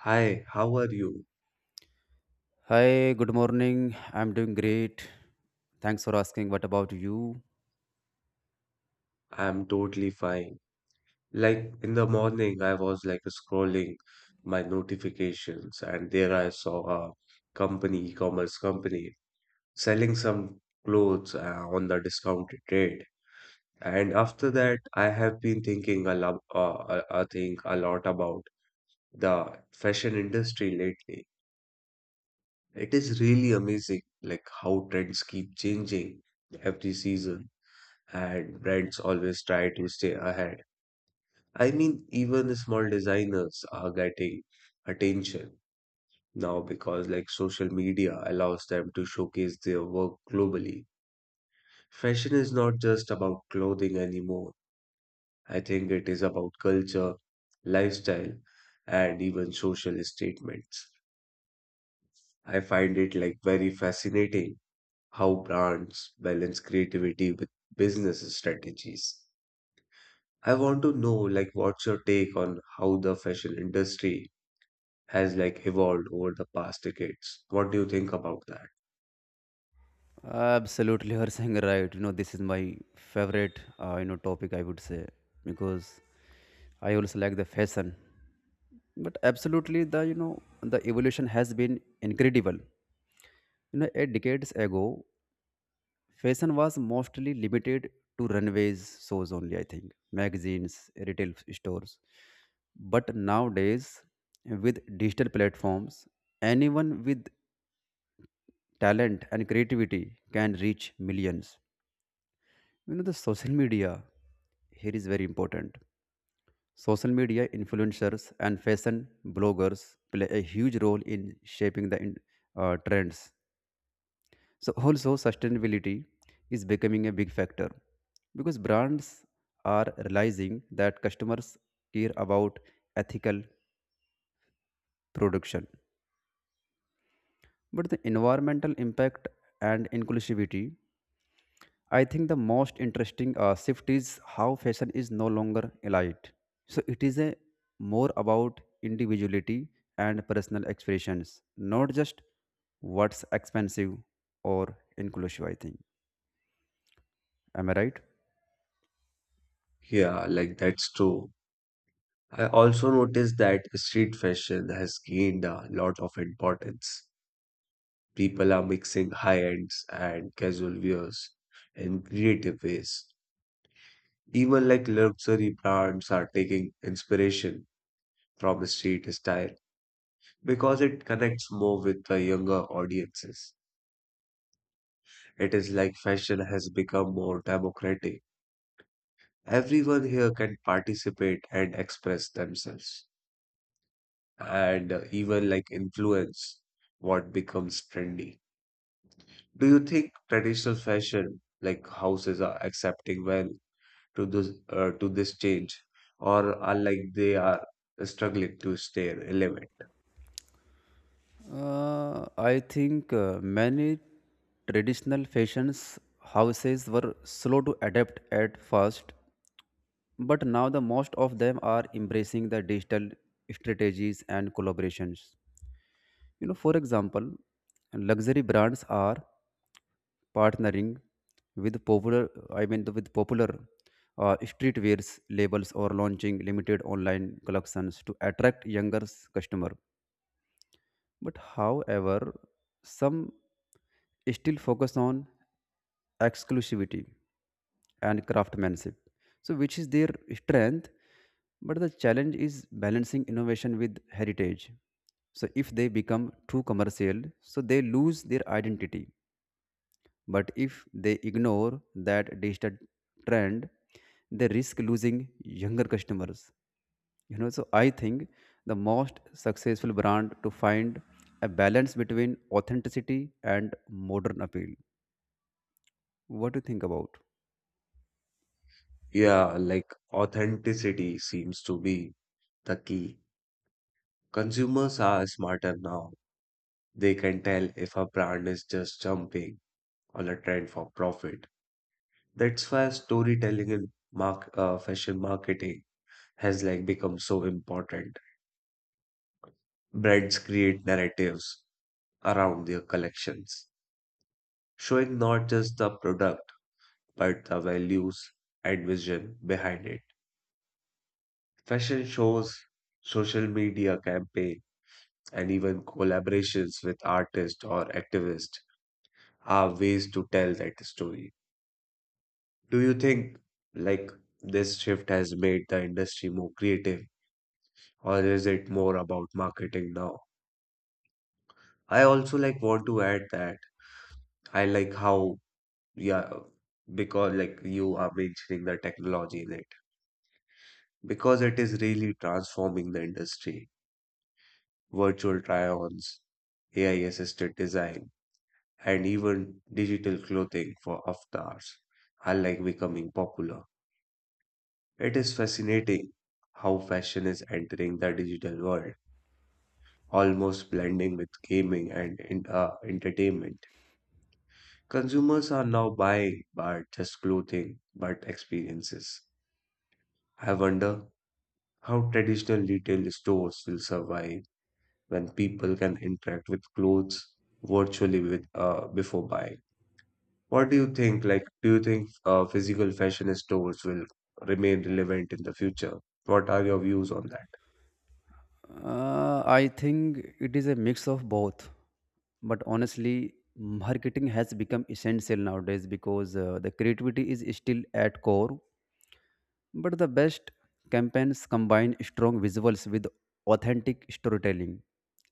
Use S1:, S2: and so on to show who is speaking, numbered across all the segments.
S1: Hi, how are you?
S2: Hi, good morning. I'm doing great. Thanks for asking. What about you?
S1: I'm totally fine. Like in the morning, I was like scrolling my notifications, and there I saw a company, e-commerce company, selling some clothes on the discounted rate. And after that, I have been thinking a lot, I think a lot about the fashion industry lately. It is really amazing, like how trends keep changing every season, and brands always try to stay ahead. I mean, even the small designers are getting attention now because like social media allows them to showcase their work globally. Fashion is not just about clothing anymore. I think it is about culture, lifestyle, and even social statements. I find it like very fascinating how brands balance creativity with business strategies. I want to know like what's your take on how the fashion industry has like evolved over the past decades. What do you think about that?
S2: Absolutely, you're saying right. This is my favorite, topic. I would say because I also like the fashion. But absolutely, the you know the evolution has been incredible. 8 decades ago, fashion was mostly limited to runways shows only, I think, magazines, retail stores. But nowadays, with digital platforms, anyone with talent and creativity can reach millions. The social media here is very important. Social media influencers and fashion bloggers play a huge role in shaping the trends. So also sustainability is becoming a big factor because brands are realizing that customers care about ethical production. But the environmental impact and inclusivity, I think the most interesting shift is how fashion is no longer elite. So it is a more about individuality and personal expressions, not just what's expensive or inclusive, I think. Am I right?
S1: Yeah, like that's true. I also noticed that street fashion has gained a lot of importance. People are mixing high ends and casual wears in creative ways. Even like luxury brands are taking inspiration from street style because it connects more with the younger audiences. It is like fashion has become more democratic, everyone here can participate and express themselves and even like influence what becomes trendy. Do you think traditional fashion like houses are accepting well to this change or are like they are struggling to stay relevant?
S2: I think many traditional fashions houses were slow to adapt at first, but now the most of them are embracing the digital strategies and collaborations. For example, luxury brands are partnering with popular streetwears labels or launching limited online collections to attract younger customer. But however, some still focus on exclusivity and craftsmanship, so which is their strength, but the challenge is balancing innovation with heritage. So if they become too commercial, so they lose their identity. But if they ignore that digital trend, they risk losing younger customers. So I think the most successful brand to find a balance between authenticity and modern appeal. What do you think about?
S1: Yeah, like authenticity seems to be the key. Consumers are smarter now. They can tell if a brand is just jumping on a trend for profit. That's why storytelling in fashion marketing has like become so important. Brands create narratives around their collections, showing not just the product but the values and vision behind it. Fashion shows, social media campaign, and even collaborations with artists or activists are ways to tell that story. Do you think like this shift has made the industry more creative or is it more about marketing now? I also like want to add that I like how, yeah, because like you are mentioning the technology in it because it is really transforming the industry. Virtual try-ons, AI assisted design, and even digital clothing for avatars are like becoming popular. It is fascinating how fashion is entering the digital world, almost blending with gaming and entertainment. Consumers are now buying but just clothing, but experiences. I wonder how traditional retail stores will survive when people can interact with clothes virtually with before buying. What do you think? Like, do you think physical fashion stores will remain relevant in the future? What are your views on that?
S2: I think it is a mix of both. But honestly, marketing has become essential nowadays because the creativity is still at core. But the best campaigns combine strong visuals with authentic storytelling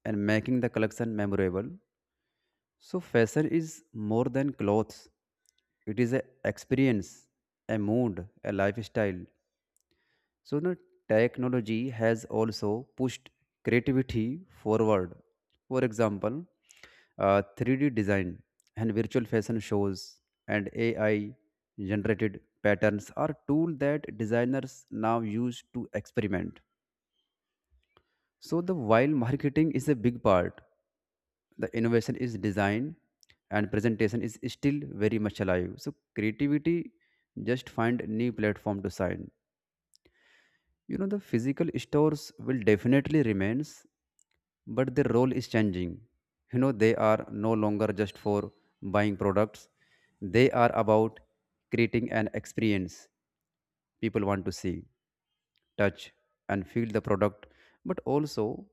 S2: and making the collection memorable. So fashion is more than clothes, it is an experience, a mood, a lifestyle. So, you technology has also pushed creativity forward. For example, 3D design and virtual fashion shows and AI generated patterns are tools that designers now use to experiment. So, the while marketing is a big part, the innovation is design and presentation is still very much alive. So, creativity just find new platform to shine. The physical stores will definitely remains, but their role is changing. They are no longer just for buying products. They are about creating an experience. People want to see, touch, and feel the product, but also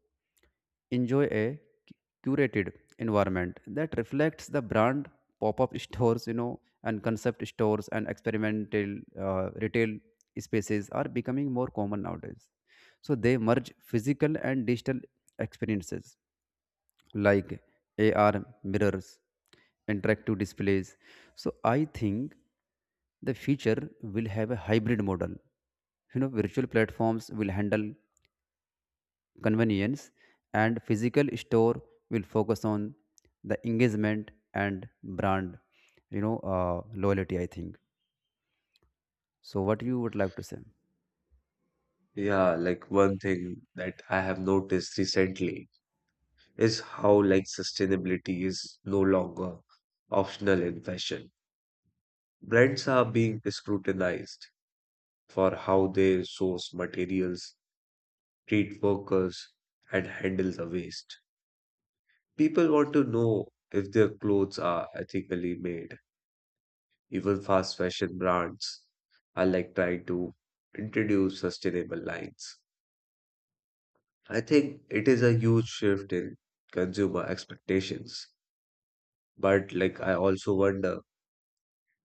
S2: enjoy a curated environment that reflects the brand. Pop-up stores and concept stores and experimental retail spaces are becoming more common nowadays, so they merge physical and digital experiences like AR mirrors, interactive displays. So I think the future will have a hybrid model. Virtual platforms will handle convenience and physical store will focus on the engagement and brand, loyalty, I think. So what you would like to say?
S1: Yeah, like one thing that I have noticed recently is how like sustainability is no longer optional in fashion. Brands are being scrutinized for how they source materials, treat workers, and handle the waste. People want to know if their clothes are ethically made. Even fast fashion brands are like trying to introduce sustainable lines. I think it is a huge shift in consumer expectations. But like I also wonder,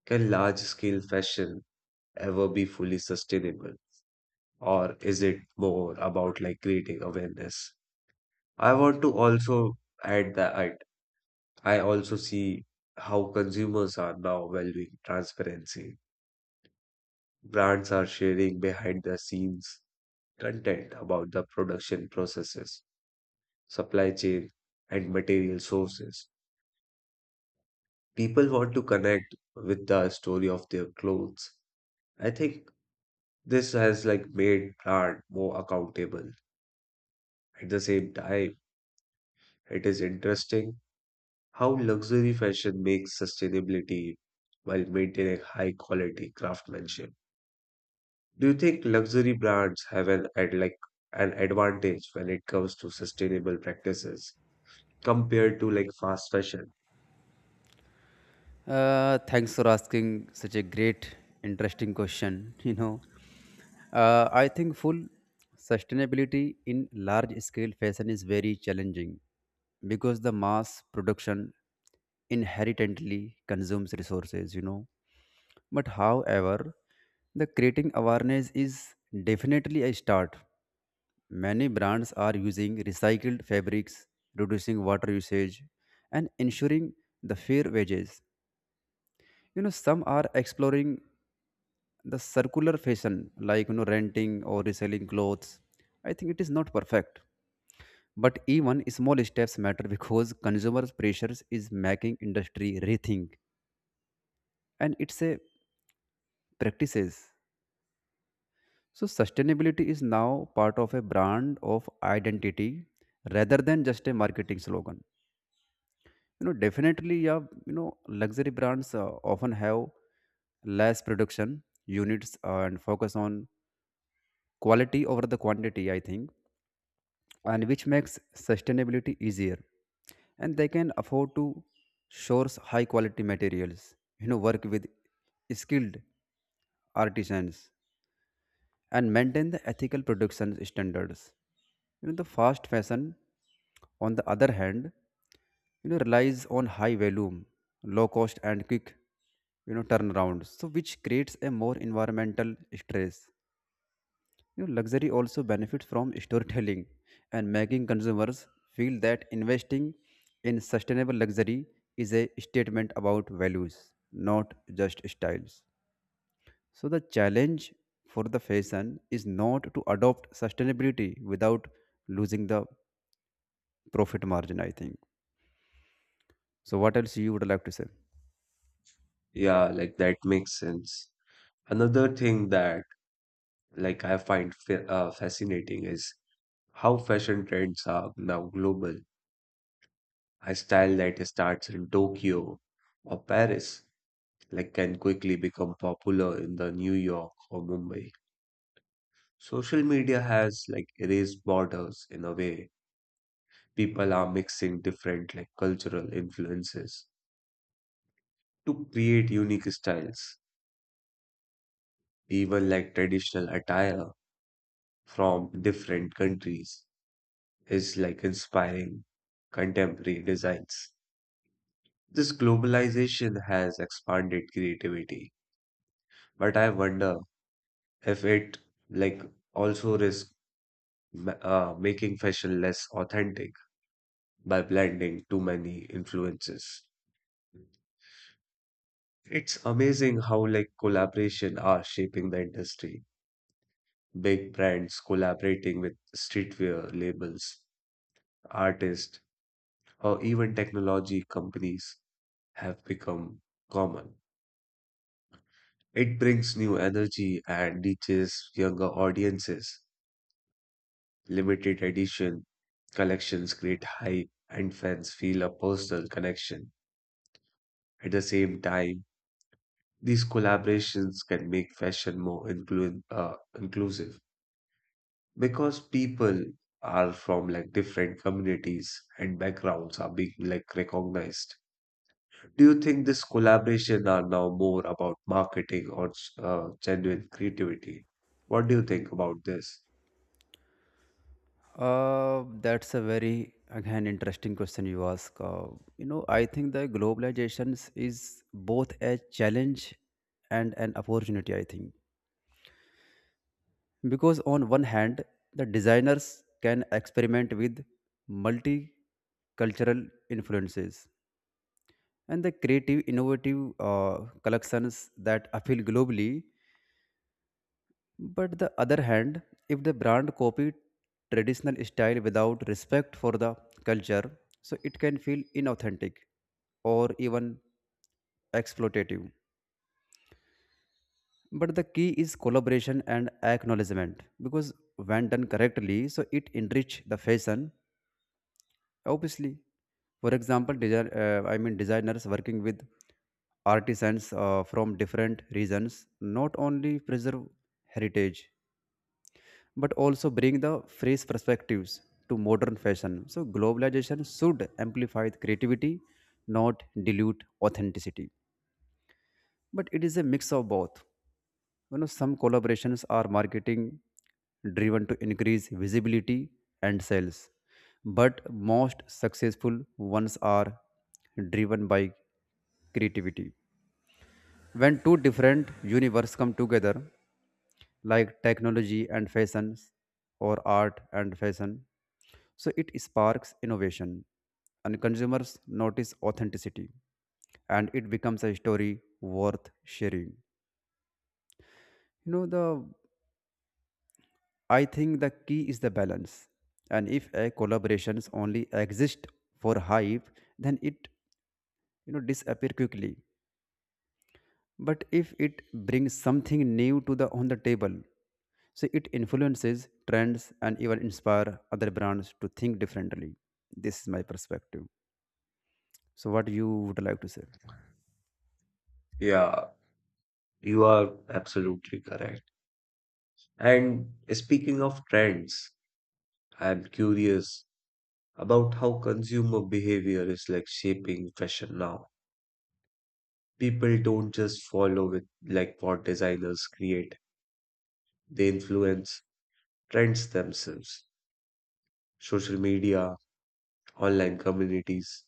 S1: can large scale fashion ever be fully sustainable, or is it more about like creating awareness? I want to also add that I also see how consumers are now valuing transparency. Brands are sharing behind the scenes content about the production processes, supply chain, and material sources. People want to connect with the story of their clothes. I think this has like made brand more accountable. At the same time, it is interesting how luxury fashion makes sustainability while maintaining high quality craftsmanship. Do you think luxury brands have an ad like an advantage when it comes to sustainable practices compared to like fast fashion?
S2: Thanks for asking such a great, interesting question. I think full sustainability in large scale fashion is very challenging because the mass production inherently consumes resources. But however, the creating awareness is definitely a start. Many brands are using recycled fabrics, reducing water usage, and ensuring the fair wages. Some are exploring the circular fashion, like renting or reselling clothes. I think it is not perfect, but even small steps matter. Because consumer pressures is making industry rethink and it's a practices. So sustainability is now part of a brand of identity rather than just a marketing slogan. Definitely. Yeah. you know Luxury brands often have less production units and focus on quality over the quantity, I think. And which makes sustainability easier. And they can afford to source high quality materials. Work with skilled artisans and maintain the ethical production standards. The fast fashion, on the other hand, relies on high volume, low cost, and quick, turnaround. So which creates a more environmental stress. Luxury also benefits from storytelling and making consumers feel that investing in sustainable luxury is a statement about values, not just styles. So the challenge for the fashion is not to adopt sustainability without losing the profit margin, I think. So, what else you would like to say?
S1: Yeah, like that makes sense. Another thing that like I find fascinating is how fashion trends are now global. A style that starts in Tokyo or Paris like can quickly become popular in the New York or Mumbai. Social media has like erased borders in a way. People are mixing different like cultural influences to create unique styles. Even like traditional attire from different countries is like inspiring contemporary designs. This globalization has expanded creativity, but I wonder if it like also risks making fashion less authentic by blending too many influences. It's amazing how like collaboration are shaping the industry. Big brands collaborating with streetwear labels, artists, or even technology companies have become common. It brings new energy and reaches younger audiences. Limited edition collections create hype and fans feel a personal connection. At the same time, these collaborations can make fashion more inclusive because people are from like different communities and backgrounds are being like recognized. Do you think this collaboration are now more about marketing or genuine creativity? What do you think about this?
S2: That's a very again interesting question you ask. I think the globalization is both a challenge and an opportunity. I think because on one hand, the designers can experiment with multicultural influences and the creative, innovative collections that appeal globally. But the other hand, if the brand copied traditional style without respect for the culture, so it can feel inauthentic or even exploitative. But the key is collaboration and acknowledgement because when done correctly, so it enrich the fashion. Obviously, for example, designers working with artisans from different regions not only preserve heritage but also bring the fresh perspectives to modern fashion. So globalization should amplify the creativity, not dilute authenticity. But it is a mix of both. Some collaborations are marketing driven to increase visibility and sales. But most successful ones are driven by creativity. When two different universes come together, like technology and fashion, or art and fashion, so it sparks innovation, and consumers notice authenticity, and it becomes a story worth sharing. You know the I think the key is the balance, and if a collaborations only exist for hype, then it disappear quickly. But if it brings something new to the on the table, so it influences trends and even inspire other brands to think differently. This is my perspective. So what you would like to say?
S1: Yeah, you are absolutely correct. And speaking of trends, I am curious about how consumer behavior is like shaping fashion now. People don't just follow with like what designers create, they influence trends themselves. Social media, online communities,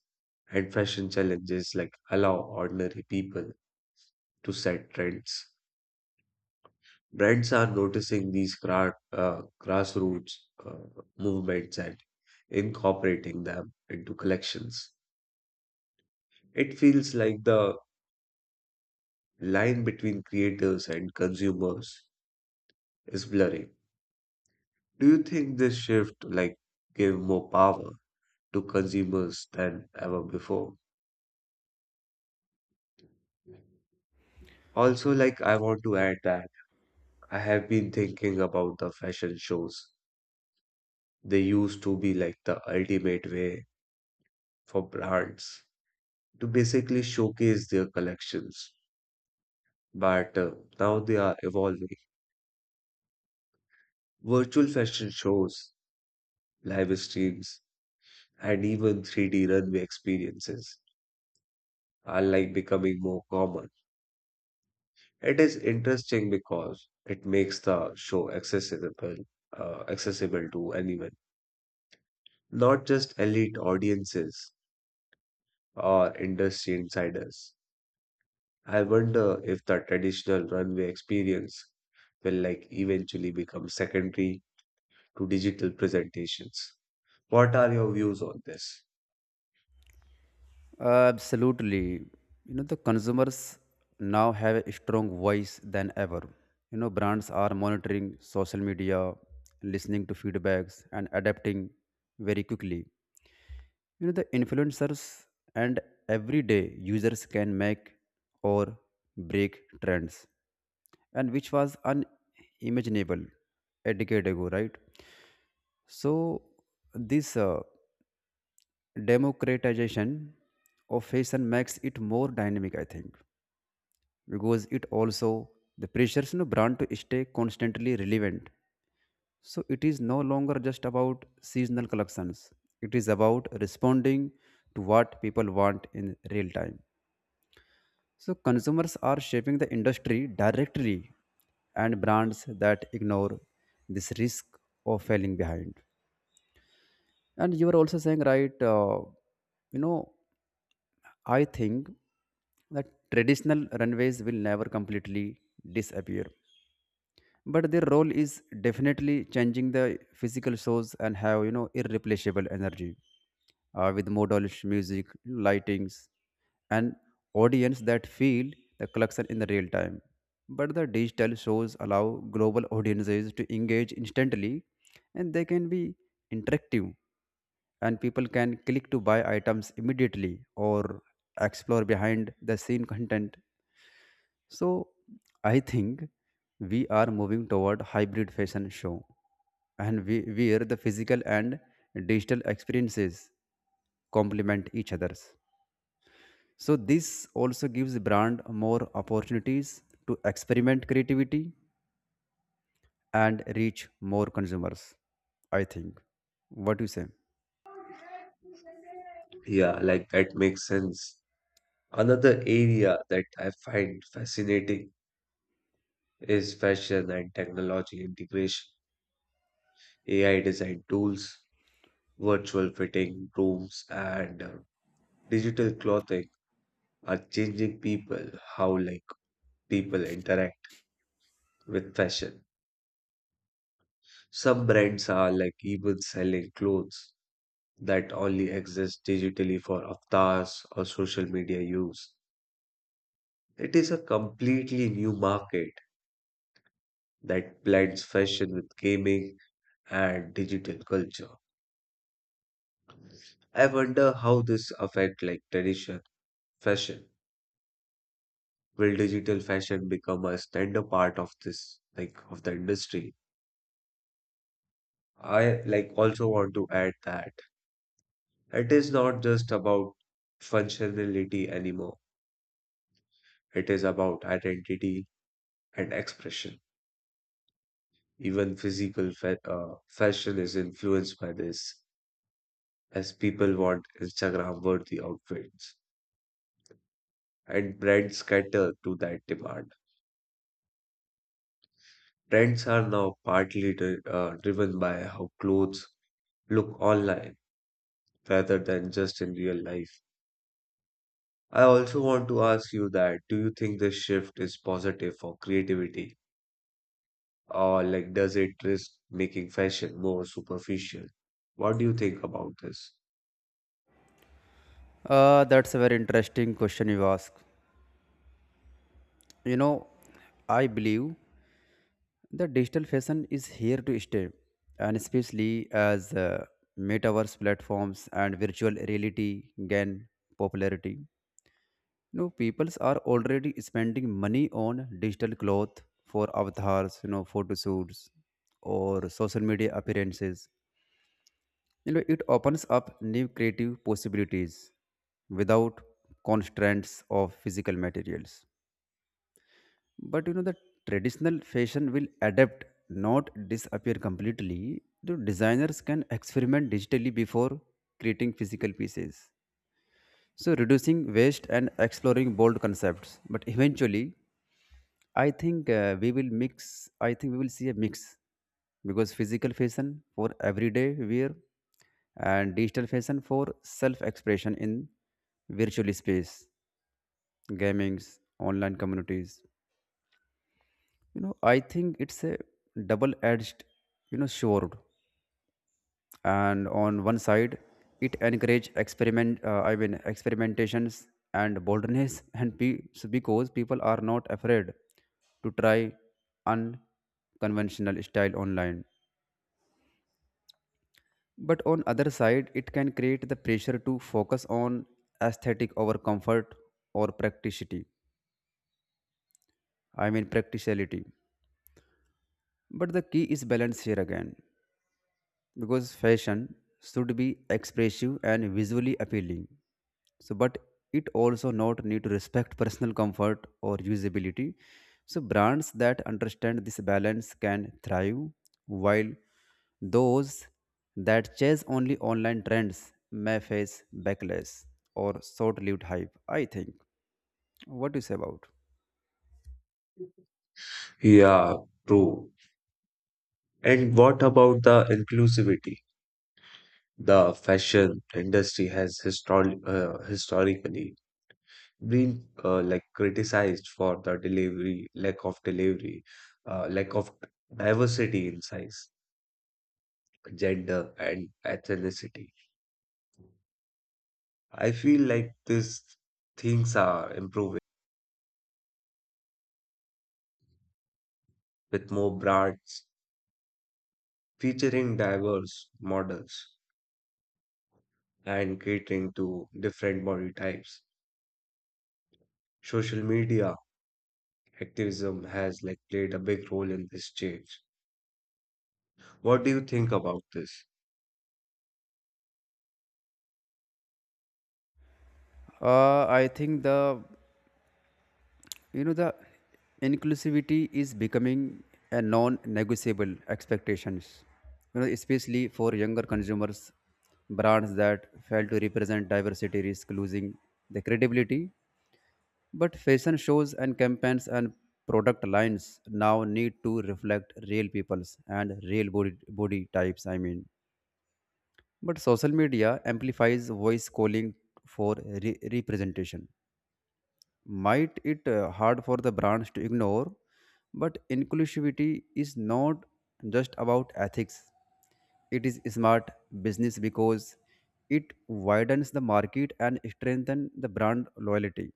S1: and fashion challenges like allow ordinary people to set trends. Brands are noticing these grassroots uh, movements and incorporating them into collections. It feels like the line between creators and consumers is blurring. Do you think this shift like gave more power to consumers than ever before? Also, like I want to add that I have been thinking about the fashion shows. They used to be like the ultimate way for brands to basically showcase their collections, but now they are evolving. Virtual fashion shows, live streams, and even 3D runway experiences are like becoming more common. It is interesting because it makes the show accessible to anyone, not just elite audiences or industry insiders. I wonder if the traditional runway experience will like eventually become secondary to digital presentations. What are your views on this?
S2: Absolutely. The consumers now have a strong voice than ever. Brands are monitoring social media, listening to feedbacks, and adapting very quickly. The influencers and everyday users can make or break trends, and which was unimaginable a decade ago, right? So this democratization of fashion makes it more dynamic, I think. Because it also the pressures, brand to stay constantly relevant. So it is no longer just about seasonal collections. It is about responding to what people want in real time. So consumers are shaping the industry directly and brands that ignore this risk of falling behind. And you are also saying, right, you know, I think that traditional runways will never completely disappear, but their role is definitely changing. The physical shows and have irreplaceable energy with models, music, lightings, and audience that feel the collection in the real time. But the digital shows allow global audiences to engage instantly, and they can be interactive, and people can click to buy items immediately or explore behind the scene content. So I think we are moving toward hybrid fashion show, and we where the physical and digital experiences complement each other's. So this also gives brand more opportunities to experiment creativity and reach more consumers. I think. What do you say?
S1: Yeah, like that makes sense. Another area that I find fascinating is fashion and technology integration. AI design tools, virtual fitting rooms and digital clothing are changing people how like people interact with fashion. Some brands are like even selling clothes that only exist digitally for avatars or social media use. It is a completely new market that blends fashion with gaming and digital culture. I wonder how this affect like tradition fashion. Will digital fashion become a standard part of this like of the industry? I like also want to add that it is not just about functionality anymore, it is about identity and expression. Even physical fashion is influenced by this as people want Instagram worthy outfits and brands cater to that demand. Trends are now partly driven by how clothes look online rather than just in real life. I also want to ask you that do you think this shift is positive for creativity or like does it risk making fashion more superficial? What do you think about this?
S2: That's a very interesting question you ask. You know, I believe the digital fashion is here to stay, and especially as metaverse platforms and virtual reality gain popularity. Peoples are already spending money on digital cloth for avatars, photo shoots or social media appearances. It opens up new creative possibilities without constraints of physical materials. But the traditional fashion will adapt, not disappear completely. The designers can experiment digitally before creating physical pieces, so reducing waste and exploring bold concepts. But eventually I think we will see a mix because physical fashion for everyday wear and digital fashion for self expression in virtual space, gamings, online communities. I think it's a double edged, sword. And on one side it encourage experimentations and boldness. So because people are not afraid to try unconventional style online. But on other side it can create the pressure to focus on aesthetic over comfort or practicality i mean practicality. But the key is balance here again because fashion should be expressive and visually appealing. So, but it also not need to respect personal comfort or usability. So brands that understand this balance can thrive, while those that chase only online trends may face backlash or short-lived hype. I think. What do you say about?
S1: Yeah, true. And what about the inclusivity? The fashion industry has historically been like criticized for the delivery, lack of diversity in size, gender, and ethnicity. I feel like these things are improving with more brands featuring diverse models and catering to different body types. Social media activism has like played a big role in this change. What do you think about this?
S2: I think the inclusivity is becoming a non-negotiable expectations. Especially for younger consumers, brands that fail to represent diversity risk losing their credibility. But fashion shows and campaigns and product lines now need to reflect real people's and real body types. I mean, but social media amplifies voice calling for representation might it hard for the brands to ignore. But inclusivity is not just about ethics, it is smart business because it widens the market and strengthens the brand loyalty.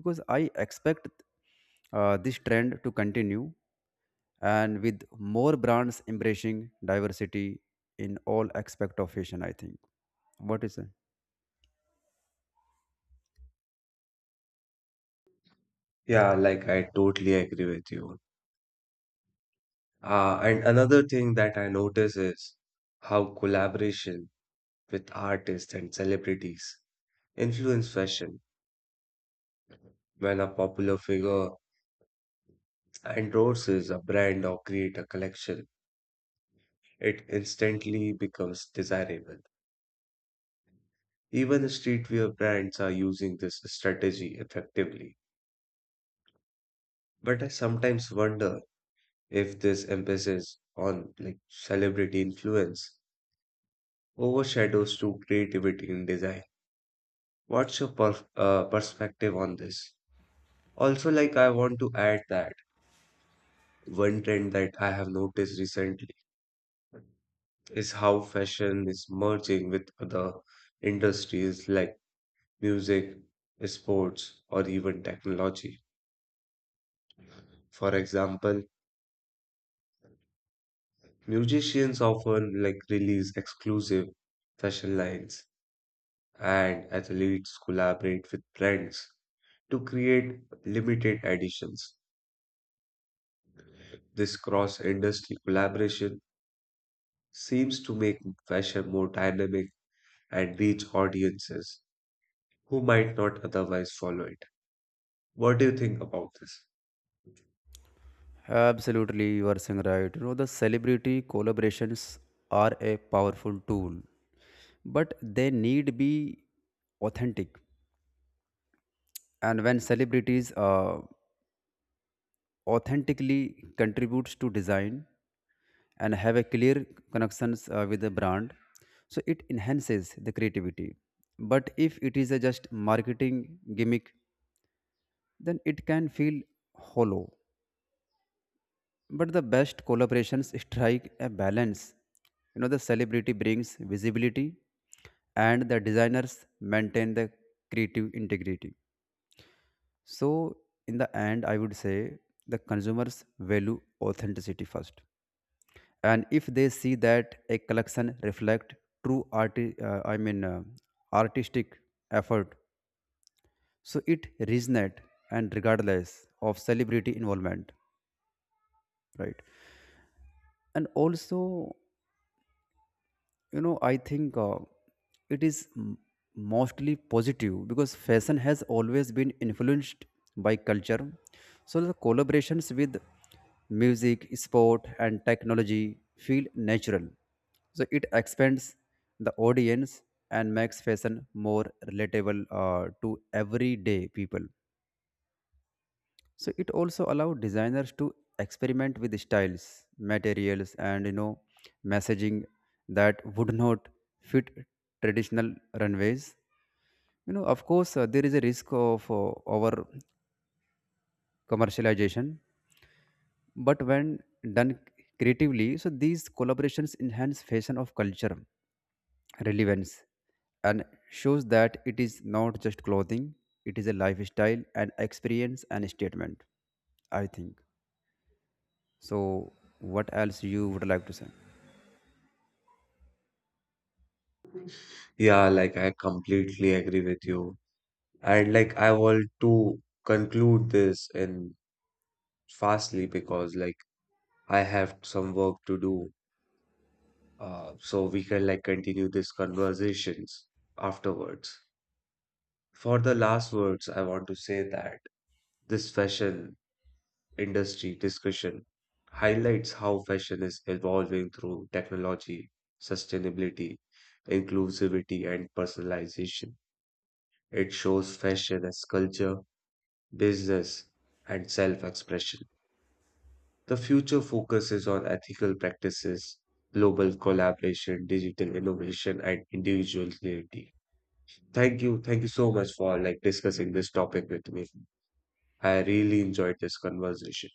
S2: Because I expect this trend to continue, and with more brands embracing diversity in all aspect of fashion. I think. What is it?
S1: Yeah, like I totally agree with you. And another thing that I notice is how collaboration with artists and celebrities influence fashion. When a popular figure endorses a brand or create a collection, it instantly becomes desirable. Even streetwear brands are using this strategy effectively. But I sometimes wonder if this emphasis on like celebrity influence overshadows true creativity in design. What's your perspective on this? Also, like I want to add that one trend that I have noticed recently is how fashion is merging with other industries like music, sports, or even technology. For example, musicians often like release exclusive fashion lines, and athletes collaborate with brands to create limited editions. This cross-industry collaboration seems to make fashion more dynamic and reach audiences who might not otherwise follow it. What do you think about this?
S2: Absolutely, you are saying right. The celebrity collaborations are a powerful tool, but they need be authentic. And when celebrities authentically contributes to design and have a clear connections with the brand, so it enhances the creativity. But if it is a just marketing gimmick, then it can feel hollow. But the best collaborations strike a balance. The celebrity brings visibility and the designers maintain the creative integrity. So in the end, I would say the consumers value authenticity first. And if they see that a collection reflect true artistic effort, so it resonate and regardless of celebrity involvement, right? And also I think it is m- mostly positive because fashion has always been influenced by culture. So the collaborations with music, sport, and technology feel natural. So it expands the audience and makes fashion more relatable, to everyday people. So it also allowed designers to experiment with styles, materials, and messaging that would not fit traditional runways. Of course, there is a risk of over commercialization, but when done creatively, so these collaborations enhance fashion of culture relevance and shows that it is not just clothing; it is a lifestyle, an experience, and statement. I think. So what else you would like to say?
S1: Yeah, like I completely agree with you. And like I want to conclude this in fastly because like I have some work to do. So we can like continue these conversations afterwards. For the last words, I want to say that this fashion industry discussion highlights how fashion is evolving through technology, sustainability, inclusivity, and personalization. It shows fashion as culture, business, and self-expression. The future focuses on ethical practices, global collaboration, digital innovation, and individual creativity. Thank you. Thank you so much for like discussing this topic with me. I really enjoyed this conversation.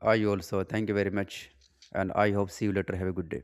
S2: I also thank you very much and I hope see you later. Have a good day.